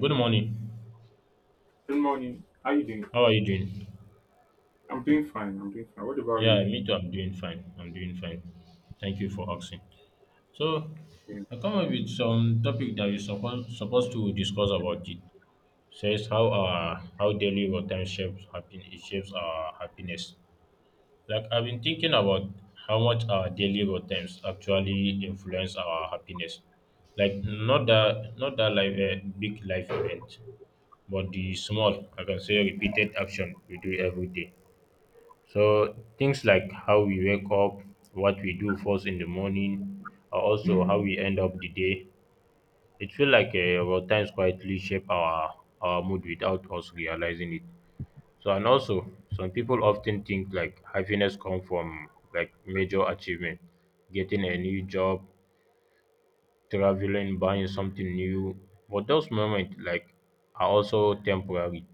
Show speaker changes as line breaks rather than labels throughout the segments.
Good morning.
Good morning. How you doing?
How are you doing?
I'm doing fine. I'm doing fine. What about
Yeah,
you?
me too. I'm doing fine. I'm doing fine. Thank you for asking. So,
Yeah.
I come up with some topic that we're supposed to discuss about it. Says how our how daily routine shapes happen it shapes our happiness. Like I've been thinking about how much our daily routines actually influence our happiness. Like not that like a big life event, but the small I can say repeated action we do every day. So things like how we wake up, what we do first in the morning, or also how we end up the day. It feels like our times quietly shape our mood without us realizing it. So and also some people often think like happiness come from like major achievement, getting a new job, traveling, buying something new. But those moments like are also temporary.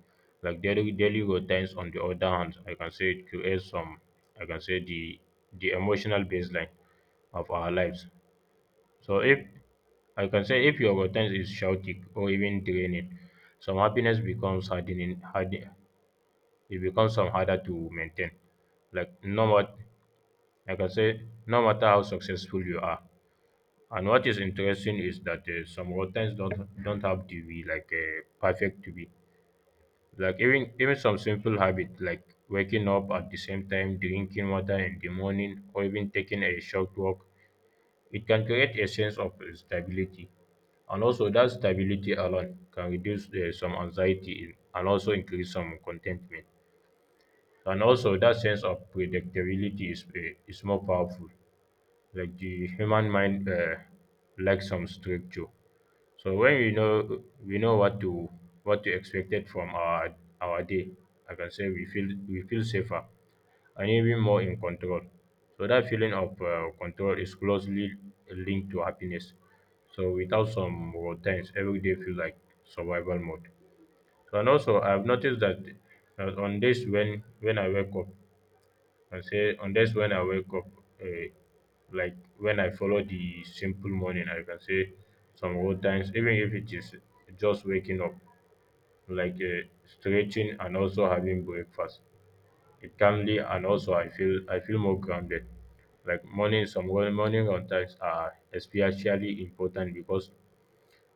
Like daily routines on the other hand, I can say it creates some I can say the emotional baseline of our lives. So if I can say if your routine is chaotic or even draining, some happiness becomes hardening hard it becomes some harder to maintain. Like no matter I can say no matter how successful you are, and what is interesting is that some routines don't have to be like perfect to be like even some simple habit like waking up at the same time, drinking water in the morning, or even taking a short walk. It can create a sense of stability, and also that stability alone can reduce some and also increase some contentment. And also that sense of predictability is more powerful. Like the human mind lacks some structure. So when we know what to expect it from our day, I can say we feel safer and even more in control. So that feeling of control is closely linked to happiness. So without some routines, every day feels like survival mode. So and also I've noticed that on days when I wake up I say, and that's when I wake up, uh, like when I follow the simple morning, I can say some old times, even if it is just waking up, like stretching and also having breakfast. It calmly and also I feel more grounded. Like morning, some well morning contacts are especially important because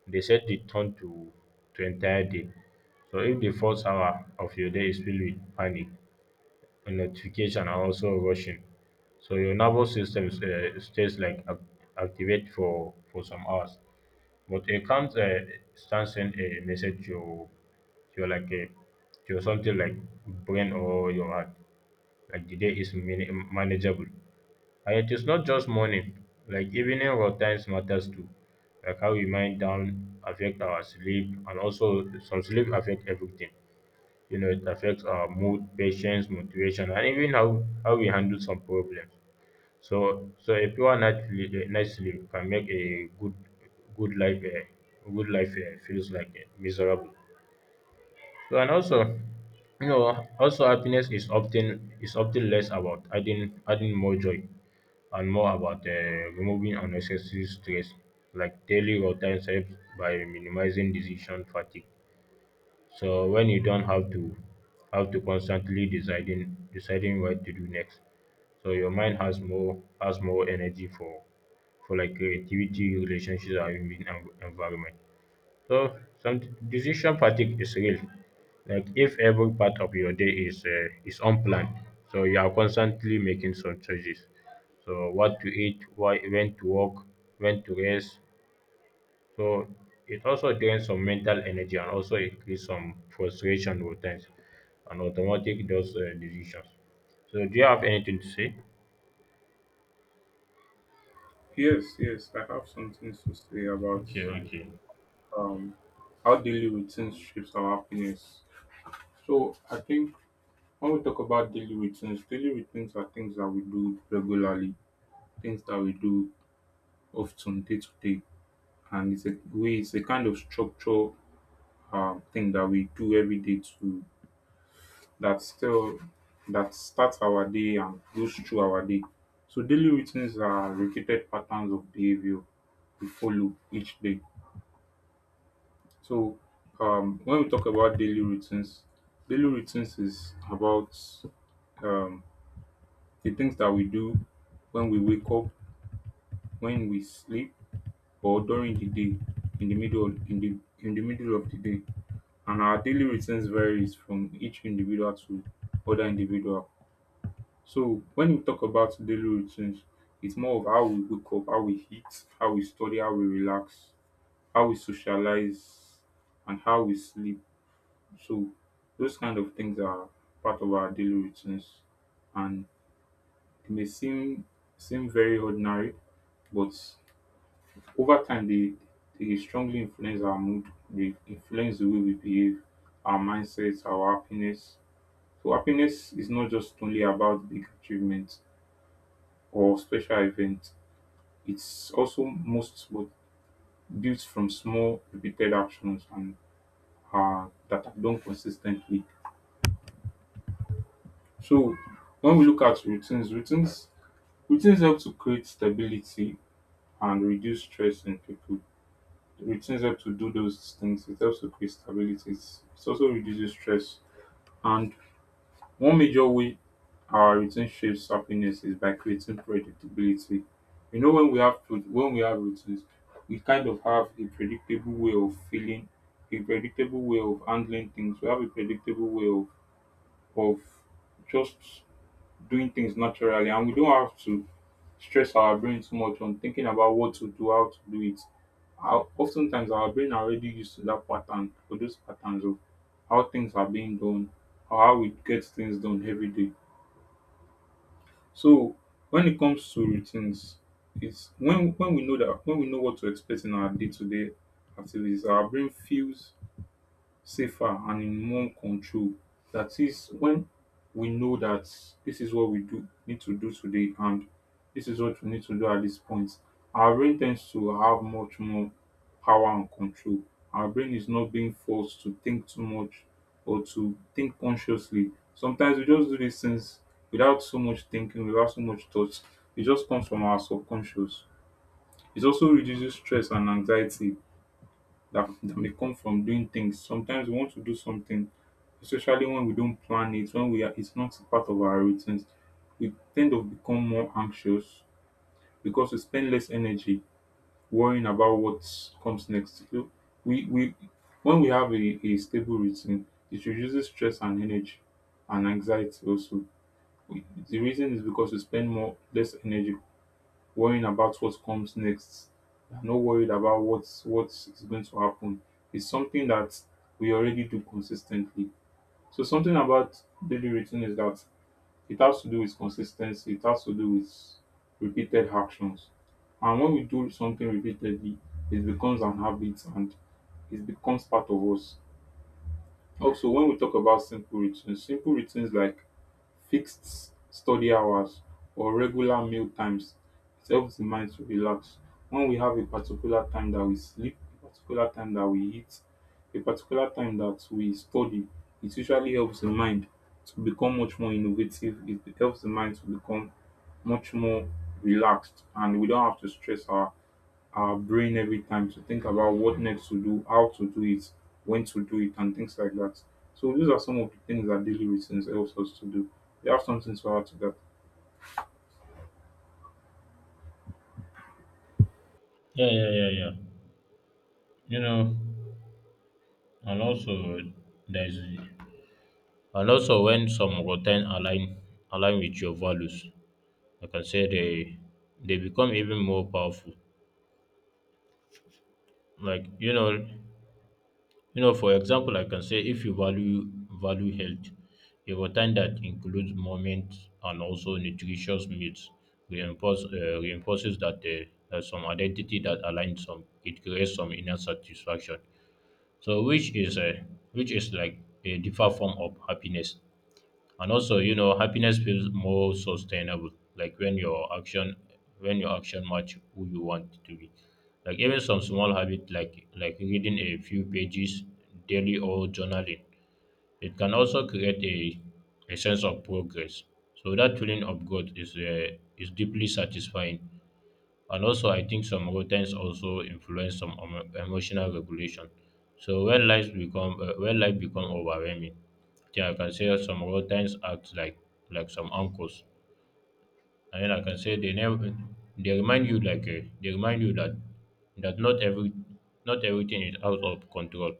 they set the tone to entire day. So if the first hour of your day is filled with panic, and notification are also rushing. So your nervous system is, stays like activate for some hours. But a calm stance send a message to like a to something like brain or your heart. Like the day is manageable, and it is not just morning. Like evening routines matters too. Like how we wind down affect our sleep, and also some sleep affect everything, you know, it affects our mood, patience, motivation, and even how we handle some problems. So, so a pure night, night sleep can make a good, good life, a good life, feels like miserable. So, and also, also happiness is often less about adding more joy and more about removing unnecessary stress, like daily routine helps by minimizing decision fatigue. So when you don't have to constantly deciding what to do next, so your mind has more energy for like creativity, relationships, and even environment. So some decision fatigue is real. Like if every part of your day is unplanned, so you are constantly making some choices. So what to eat, why, when to work, when to rest, so it also drains some mental energy and also increase some frustration with times and automatic those decisions. So do you have anything to say?
Yes, yes. I have some things to say about
Okay, okay.
um how daily routines shapes our happiness. So I think when we talk about daily routines are things that we do regularly, things that we do often day to day, and it's a kind of structure thing that we do every day to that still that starts our day and goes through our day. So daily routines are repeated patterns of behavior we follow each day. So when we talk about daily routines is about um, the things that we do when we wake up, when we sleep, or during the day, in the middle in the in the middle of the day. And our daily routines varies from each individual to other individual. So when we talk about daily routines, it's more of how we wake up, how we eat, how we study, how we relax, how we socialize, and how we sleep. So those kind of things are part of our daily routines. And it may seem very ordinary, but over time they strongly influence our mood, they influence the way we behave, our mindsets, our happiness. So happiness is not just only about big achievements or special events. It's also most but built from small repeated actions and that are done consistently. So when we look at routines, routines help to create stability and reduce stress in people. Routines help to do those things. It helps to create stability. It also reduces stress. And one major way our routine shapes happiness is by creating predictability. You know, when we have when we have routines, we kind of have a predictable way of feeling, a predictable way of handling things. We have a predictable way of just doing things naturally, and we don't have to stress our brain too much on thinking about what to do, how to do it. Our, oftentimes, our brain already used to that pattern or those patterns of how things are being done, or how we get things done every day, so when it comes to routines, it's when we know that when we know what to expect in our day to day activities, our brain feels safer and in more control. That is when we know that this is what we do need to do today and this is what we need to do at this point. Our brain tends to have much more power and control. Our brain is not being forced to think too much or to think consciously. Sometimes we just do these things without so much thinking, without so much thought. It just comes from our subconscious. It also reduces stress and anxiety that may come from doing things. Sometimes we want to do something, especially when we don't plan it, when we are, it's not part of our routines, we tend to become more anxious because we spend less energy worrying about what comes next. So we when we have a stable routine, it reduces stress and energy and anxiety also. The reason is because we spend more less energy worrying about what comes next. We are not worried about what is going to happen. It's something that we already do consistently, so something about daily routine is that it has to do with consistency, it has to do with repeated actions. And when we do something repeatedly, it becomes an habit and it becomes part of us. Also, when we talk about simple routines like fixed study hours or regular meal times. It helps the mind to relax. When we have a particular time that we sleep, a particular time that we eat, a particular time that we study, it usually helps the mind to become much more innovative. It helps the mind to become much more relaxed and we don't have to stress our brain every time to think about what next to do, how to do it, when to do it, and things like that. So these are some of the things that daily routines helps us to do. You have something to add to that?
Yeah, yeah, yeah, yeah. You know, and also there's and also when some routine align with your values, like I can say they become even more powerful. Like you know, you know, for example, I can say if you value health, a routine that includes moments and also nutritious meals reinforces that there's some identity that aligns some. It creates some inner satisfaction. So, which is a which is like a different form of happiness. And also, you know, happiness feels more sustainable like when your action match who you want to be. Like even some small habit like reading a few pages daily or journaling, it can also create a sense of progress, so that feeling of growth is deeply satisfying. And also, I think some routines also influence some emotional regulation. So when life become overwhelming, then I can say some routines act like some anchors, and then I can say they never they remind you like they remind you that that not every not everything is out of control.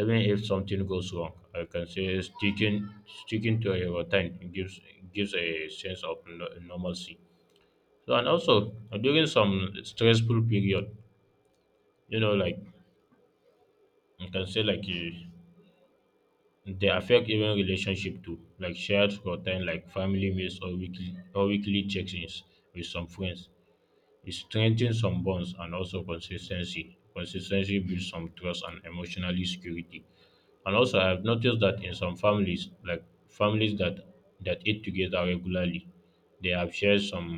Even if something goes wrong, I can say sticking to a routine gives a sense of normalcy. So and also during some stressful period, you know, like you can say like you, they affect even relationship too, like shared routine, like family meals or weekly check-ins with some friends. It strengthens some bonds and also consistency. Consistency builds some trust and emotional security. And also, I have noticed that in some families, like families that eat together regularly, they have shared some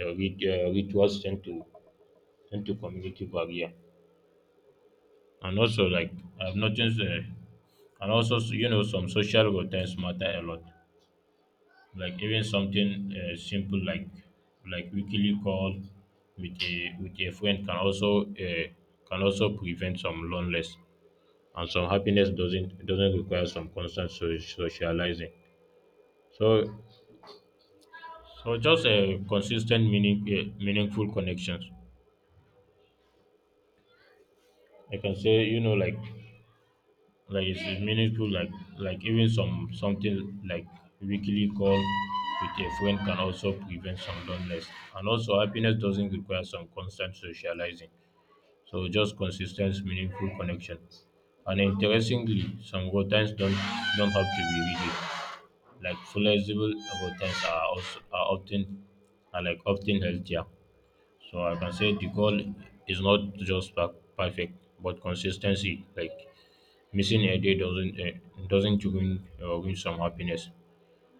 rituals tend to tend to community barrier. And also, like I've noticed. And also, you know, some social routines matter a lot. Like even something simple like weekly call with a friend can also prevent some loneliness and some happiness doesn't require some constant socializing. So so just a consistent meaningful connections. I can say you know like it's meaningful like even some something like weekly call with a friend can also prevent some loneliness and also happiness doesn't require some constant socializing, so just consistent meaningful connection. And interestingly some routines don't have to be rigid. Like flexible routines are also are often are like often healthier. So I can say the goal is not just perfect but consistency. Like missing a day doesn't win win some happiness.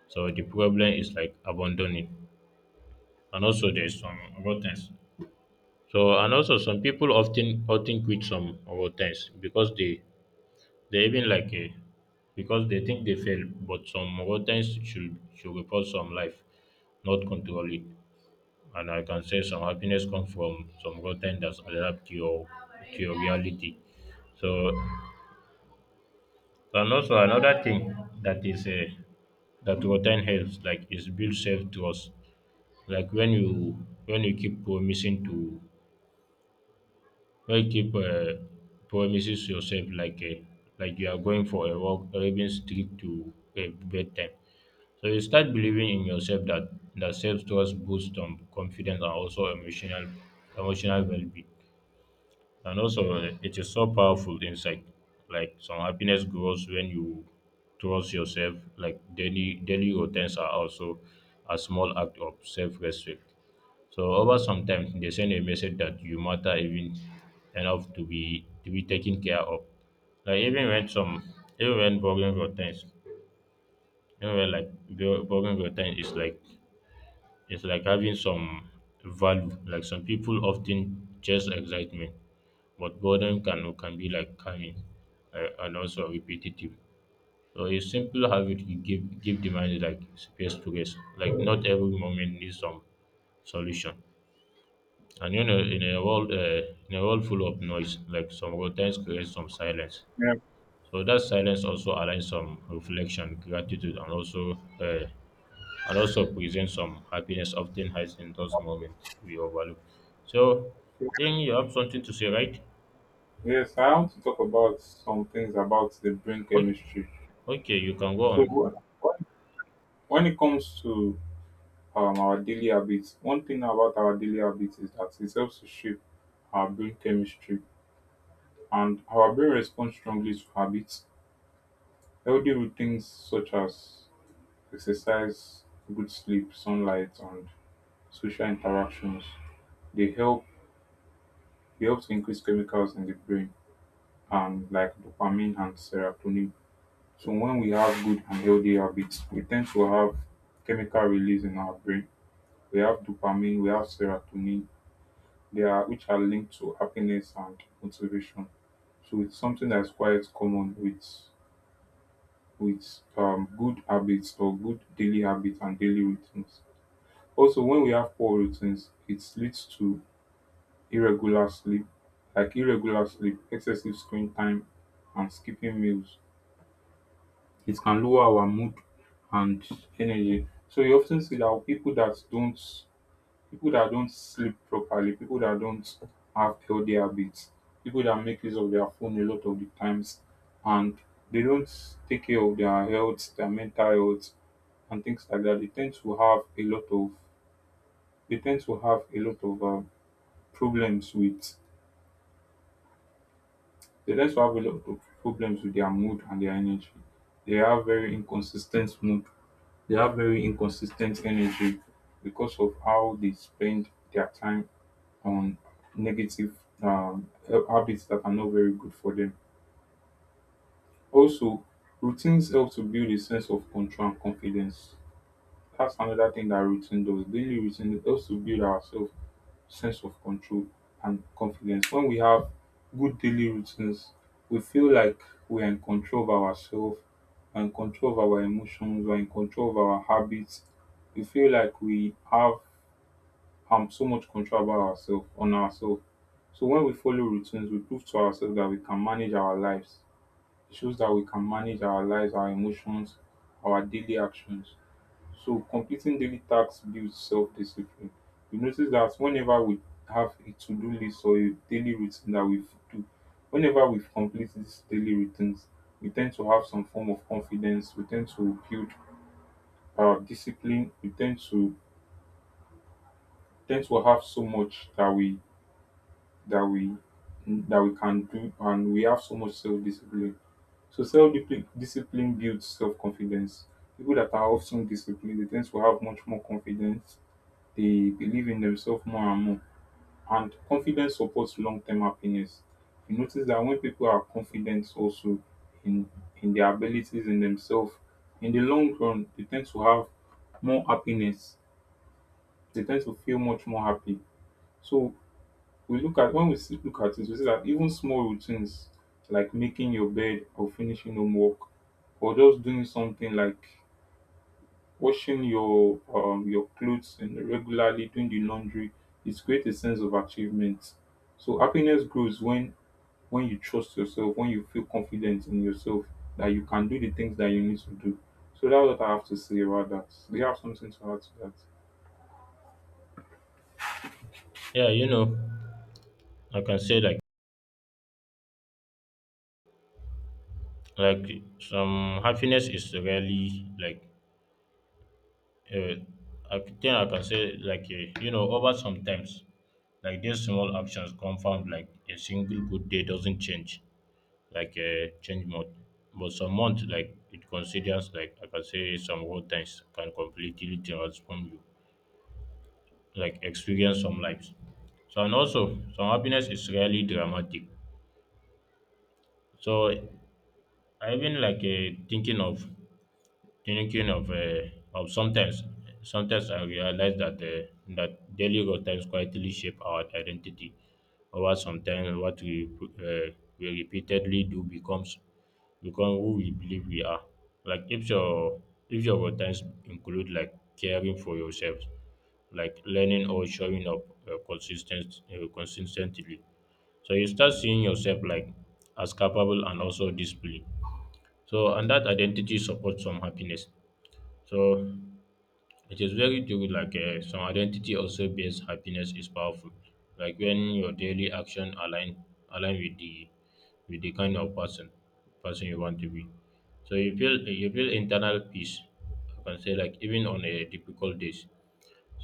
So the problem is like abandoning, and also there's some rottenness. So and also some people often quit some rottenness because they even like because they think they fail, but some rottenness should report some life, not control it. And I can say some happiness comes from some rotten that's adapt to your reality. So and also another thing that is that routine helps like is build self trust. Like when you keep promising to when you keep promises yourself like you are going for a walk or even stick to a bedtime, so you start believing in yourself that that self trust boosts confidence and also emotional well-being. And also, it is so powerful insight. Like some happiness grows when you trust yourself. Like daily routines are also a small act of self respect. So over some time, they send a message that you matter even enough to be taken care of. Like even when some even when boring routines, even when like boring routine is like it's like having some value. Like some people often chase excitement but boredom can be like calming and also repetitive. So a simple habit you give the mind like space to rest. Like not every moment needs some solution. And you know, in a world full of noise, like some routines create some silence.
Yeah.
So that silence also allows some reflection, gratitude, and also uh, presents some happiness often hides in those moments we overlook. So, I think you have something to say, right?
Yes, I want to talk about some things about the brain
Okay,
chemistry.
okay, you can go
So
on.
when it comes to our daily habits, one thing about our daily habits is that it helps to shape our brain chemistry, and our brain responds strongly to habits. Healthy routines such as exercise, good sleep, sunlight, and social interactions. They help they help to increase chemicals in the brain and like dopamine and serotonin. So when we have good and healthy habits, we tend to have chemical release in our brain. We have dopamine, we have serotonin, they are which are linked to happiness and motivation. So it's something that's quite common with good habits or good daily habits and daily routines. Also, when we have poor routines, it leads to irregular sleep, like irregular sleep, excessive screen time, and skipping meals. It can lower our mood and energy. So you often see that people that don't sleep properly, people that don't have healthy habits, people that make use of their phone a lot of the times, and they don't take care of their health, their mental health, and things like that. They tend to have a lot of they tend to have a lot of problems with they tend to have a lot of problems with their mood and their energy. They have very inconsistent mood. They have very inconsistent energy because of how they spend their time on negative habits that are not very good for them. Also, routines help to build a sense of control and confidence. That's another thing that routine does. Daily routine helps to build ourselves sense of control and confidence. When we have good daily routines, we feel like we're in control of ourselves, we're in control of our emotions, we're in control of our habits. We feel like we have so much control about ourselves, on ourselves. So when we follow routines, we prove to ourselves that we can manage our lives. It shows that we can manage our lives, our emotions, our daily actions. So completing daily tasks builds self-discipline. You notice that whenever we have a to-do list or a daily routine that we do, whenever we've completed these daily routines, we tend to have some form of confidence. We tend to build discipline. We tend to tend to have so much that we that we that we can do, and we have so much self-discipline. So self-discipline builds self-confidence. People that are often disciplined, they tend to have much more confidence, they believe in themselves more and more. And confidence supports long term happiness. You notice that when people are confident also in their abilities in themselves, in the long run, they tend to have more happiness. They tend to feel much more happy. So we look at when we see, look at it, we see that even small routines like making your bed or finishing homework or just doing something like washing your clothes and regularly doing the laundry is creates a sense of achievement. So happiness grows when you trust yourself, when you feel confident in yourself that you can do the things that you need to do. So that's what I have to say about that. Do you have something to add to that?
Yeah, you know, I can say like some happiness is really like uh, I think I can say like you know over sometimes like these small actions confound like a single good day doesn't change like a change mode, but some month like it considers like I can say some whole times can completely transform you like experience some lives. So and also some happiness is really dramatic. So I've like thinking of sometimes, sometimes I realize that that daily routines quietly shape our identity. Over sometimes, what we repeatedly do becomes become who we believe we are. Like if your routines include like caring for yourself, like learning or showing up consistent consistently, so you start seeing yourself like as capable and also disciplined. So and that identity supports some happiness. So it is very true, like some identity also based happiness is powerful. Like when your daily action align align with the with the kind of person you want to be. So you feel internal peace. I can say like even on a difficult days.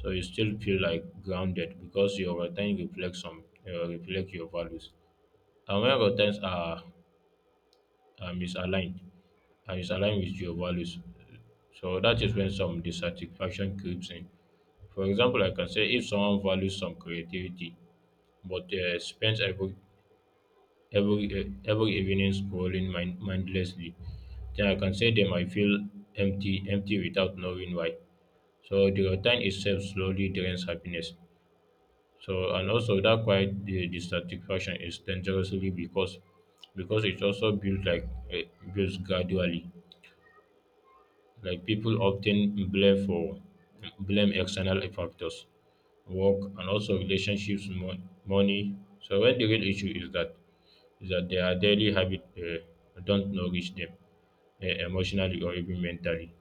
So you still feel like grounded because your routine reflects some reflect your values. And when routines are, are misaligned, are misaligned with your values, so that is when some dissatisfaction creeps in. For example, I can say if someone values some creativity but spends every every evening scrolling mindlessly, then I can say they might feel empty without knowing why. So the routine itself slowly drains happiness. So and also that quiet the dissatisfaction is dangerously because it also builds like uh, builds gradually. Like people often blame external factors, work, and also relationships, money. So when the real issue is that their daily habit don't nourish them emotionally or even mentally.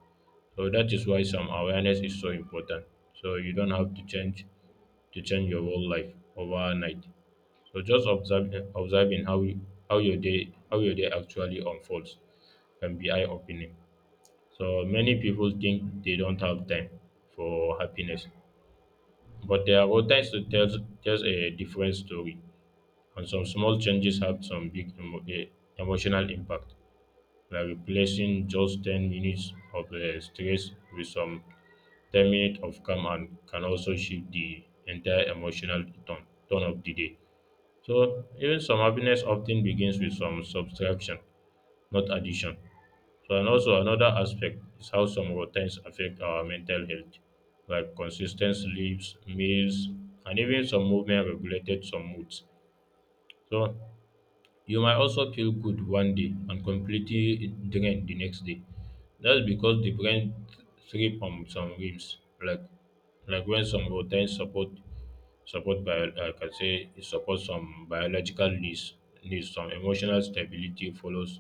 So that is why some awareness is so important. So you don't have to change your whole life overnight. So just observing how you, how your day actually unfolds can be eye opening. So many people think they don't have time for happiness, but their own tells a different story. And some small changes have some big emotional impact, like replacing just 10 minutes of stress with some 10 minutes of calm and can also shift the entire emotional tone of the day. So even some happiness often begins with some subtraction, not addition. So, and also another aspect is how some routines affect our mental health, like consistent sleeps, meals, and even some movement regulated some moods. So you might also feel good one day and completely drained the next day. That's because the brain thrives on some rhythms, like when some routines support bio I can say it supports some biological needs, some emotional stability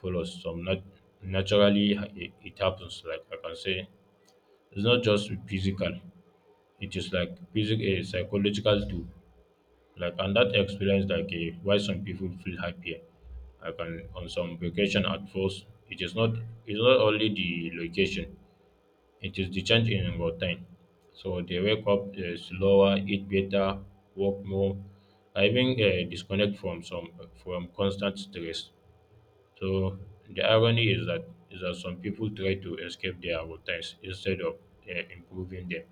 follows some naturally it happens like I can say it's not just physical. It is like physical a psychological too. Like and that experience like why some people feel happier. I can on some vacation at first. It is not it's not only the location. It is the change in routine. So they wake up slower, eat better, work more, I even disconnect from some from constant stress. So the irony is that some people try to escape their routines instead of improving them.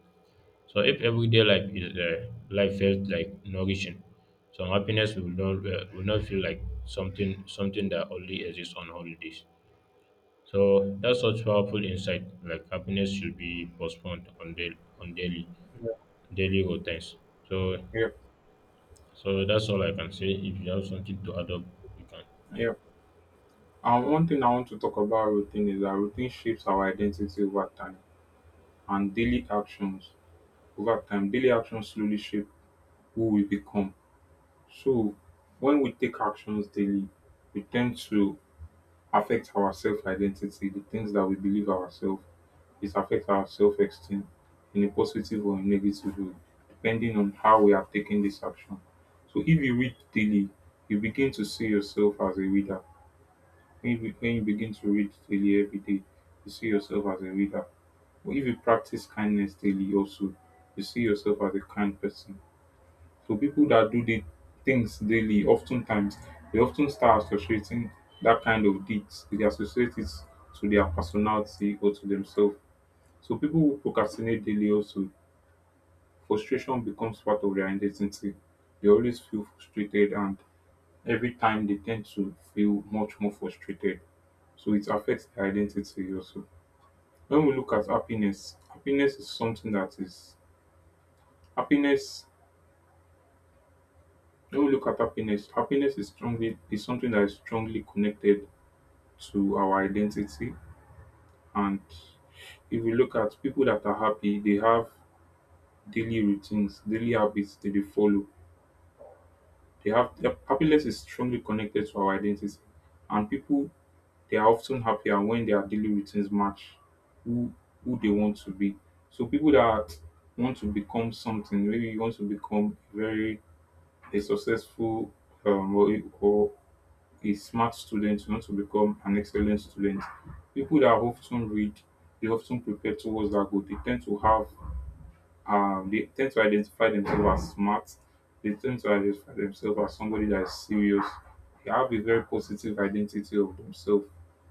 So if everyday life is life felt like nourishing, some happiness will not feel like something that only exists on holidays. So that's such powerful insight. Like happiness should be postponed on
Yeah,
daily routines. So
yeah.
that's all I can say. If you have something to add up, you can.
Yeah. And one thing I want to talk about routine is that routine shapes our identity over time and daily actions over time. Daily actions slowly shape who we become. So, when we take actions daily, we tend to affect our self identity, the things that we believe ourselves. It affects our self esteem in a positive or a negative way, depending on how we have taken this action. So, if you read daily, you begin to see yourself as a reader. When you begin to read daily every day, you see yourself as a reader. But if you practice kindness daily, also, you see yourself as a kind person, so people that do the things daily, oftentimes they often start associating that kind of deeds. They associate it to their personality or to themselves. So people who procrastinate daily also, frustration becomes part of their identity. They always feel frustrated and every time they tend to feel much more frustrated. So it affects their identity also. When we look at happiness, happiness is something that is happiness when we look at happiness, happiness is strongly is something that is strongly connected to our identity. And if we look at people that are happy, they have daily routines, daily habits that they follow. They have their- happiness is strongly connected to our identity. And people, they are often happier when their daily routines match who who they want to be. So people that want to become something, maybe you want to become very a successful or a smart student, you want to become an excellent student. People that often read, they often prepare towards that goal. They tend to identify themselves as smart. They tend to identify themselves as somebody that is serious. They have a very positive identity of themselves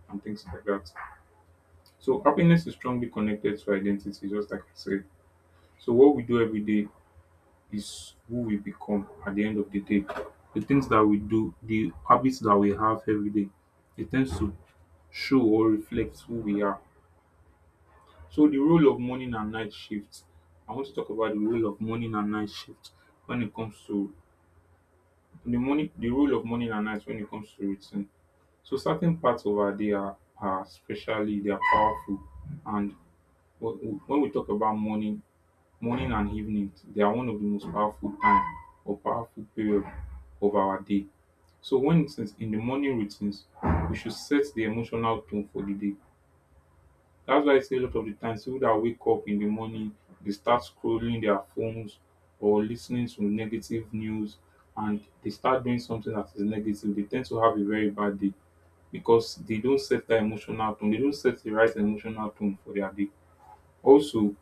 and things like that. So happiness is strongly connected to identity, just like I said. So what we do every day is who we become at the end of the day. The things that we do, the habits that we have every day, it tends to show or reflect who we are. So the role of morning and night shift. I want to talk about the role of morning and night shift when it comes to the role of morning and night when it comes to routine. So certain parts of our day are especially they are powerful, and when we talk about morning and evening, they are one of the most powerful time or powerful period of our day. So when it's in the morning routines, we should set the emotional tone for the day. That's why I say a lot of the times people that wake up in the morning, they start scrolling their phones or listening to negative news and they start doing something that is negative. They tend to have a very bad day because they don't set the emotional tone. They don't set the right emotional tone for their day. Also,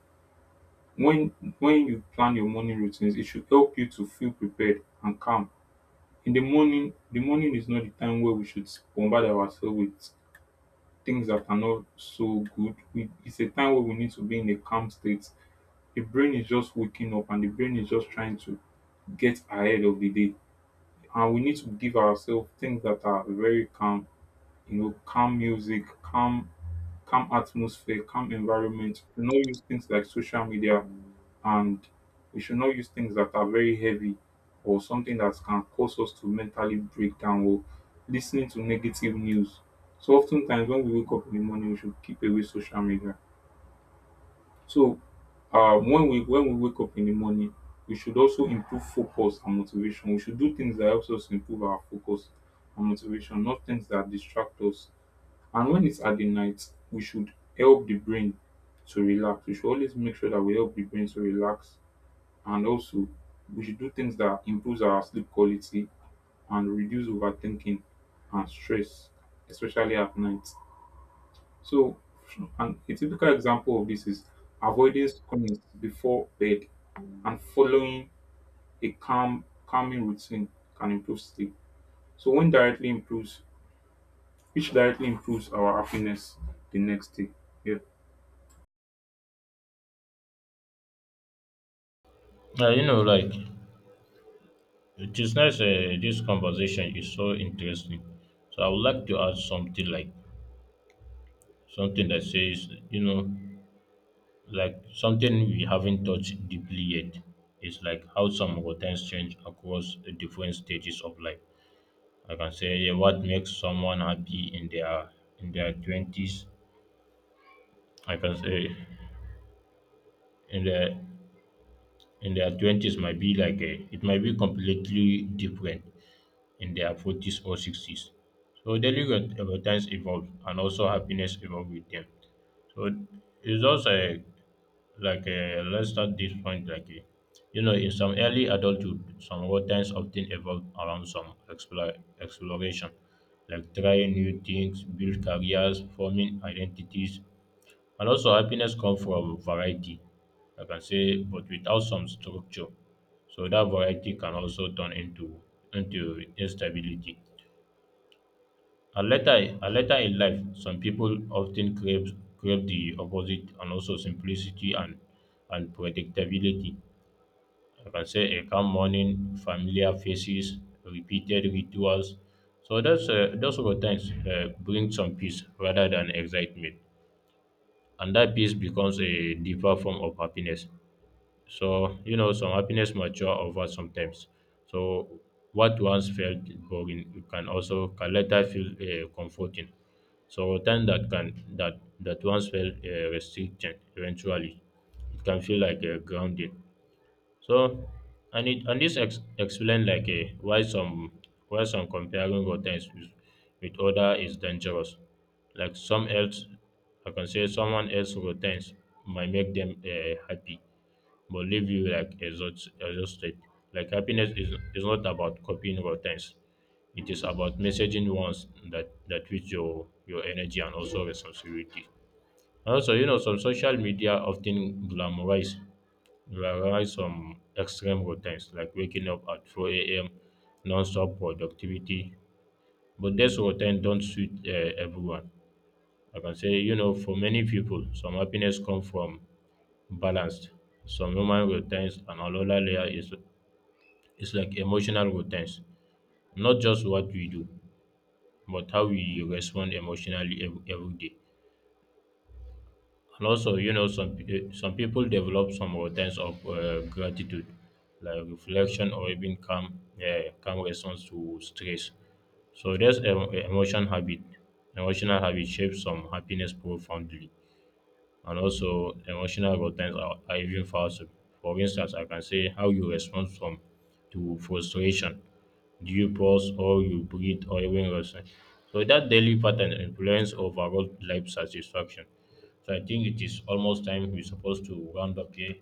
when when you plan your morning routines, it should help you to feel prepared and calm. In the morning is not the time where we should bombard ourselves with things that are not so good. We, it's a time where we need to be in a calm state. The brain is just waking up and the brain is just trying to get ahead of the day. And we need to give ourselves things that are very calm, calm music, calm atmosphere, calm environment. We should not use things like social media, and we should not use things that are very heavy or something that can cause us to mentally break down or listening to negative news. So oftentimes when we wake up in the morning, we should keep away social media. So when we wake up in the morning, we should also improve focus and motivation. We should do things that helps us improve our focus and motivation, not things that distract us. And when it's at the night, we should help the brain to relax. We should always make sure that we help the brain to relax, and also we should do things that improves our sleep quality and reduce overthinking and stress, especially at night. So, a typical example of this is avoiding screens before bed, and following a calming routine can improve sleep. So, which directly improves our happiness the next day. Yeah.
You know, like it is nice. This conversation is so interesting. So I would like to add something like something that says you know like something we haven't touched deeply yet. It's like how some routines change across the different stages of life. I can say yeah, what makes someone happy in their twenties. I can say in their in their twenties might be like a, it might be completely different in their forties or sixties. So daily routines evolve and also happiness evolve with them. So it's just a like let's start this point like you know in some early adulthood some routines often evolve around some exploration like trying new things build careers forming identities and also happiness comes from variety. I can say but without some structure, so that variety can also turn into instability and later in life, some people often crave the opposite, and also simplicity and predictability. I can say a calm morning, familiar faces, repeated rituals. So that's those routines bring some peace rather than excitement, and that peace becomes a deeper form of happiness. So, you know, some happiness mature over sometimes. So, what once felt boring can later feel comforting. So, time that can that that once felt restricting eventually, it can feel like a grounding. So, and it and this explain like a why some comparing routines with other is dangerous. Like some else, I can say someone else routines might make them happy but leave you like exhausted. Like happiness is not about copying routines. It is about messaging ones that with your energy and also responsibility. And also, you know, some social media often glamorize some extreme routines like waking up at 4 a.m. non-stop productivity. But these routines don't suit everyone. I can say, you know, for many people, some happiness come from balanced some human routines and another layer is it's like emotional routines, not just what we do, but how we respond emotionally every day. And also, you know, some some people develop some routines of gratitude, like reflection or even calm, yeah, calm response to stress. So, this emotional habit shapes some happiness profoundly. And also emotional buttons are even faster. For instance, I can say how you respond from to frustration. Do you pause or you breathe or even rest? So that daily pattern influence overall life satisfaction. So I think it is almost time we're supposed to round up here.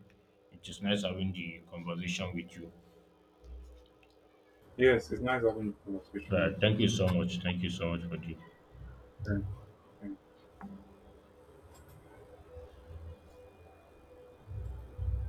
It is nice having the conversation with you.
Yes, it's nice having a conversation with
But
you.
thank you so
So,
much. Thank you so much for the
thank you.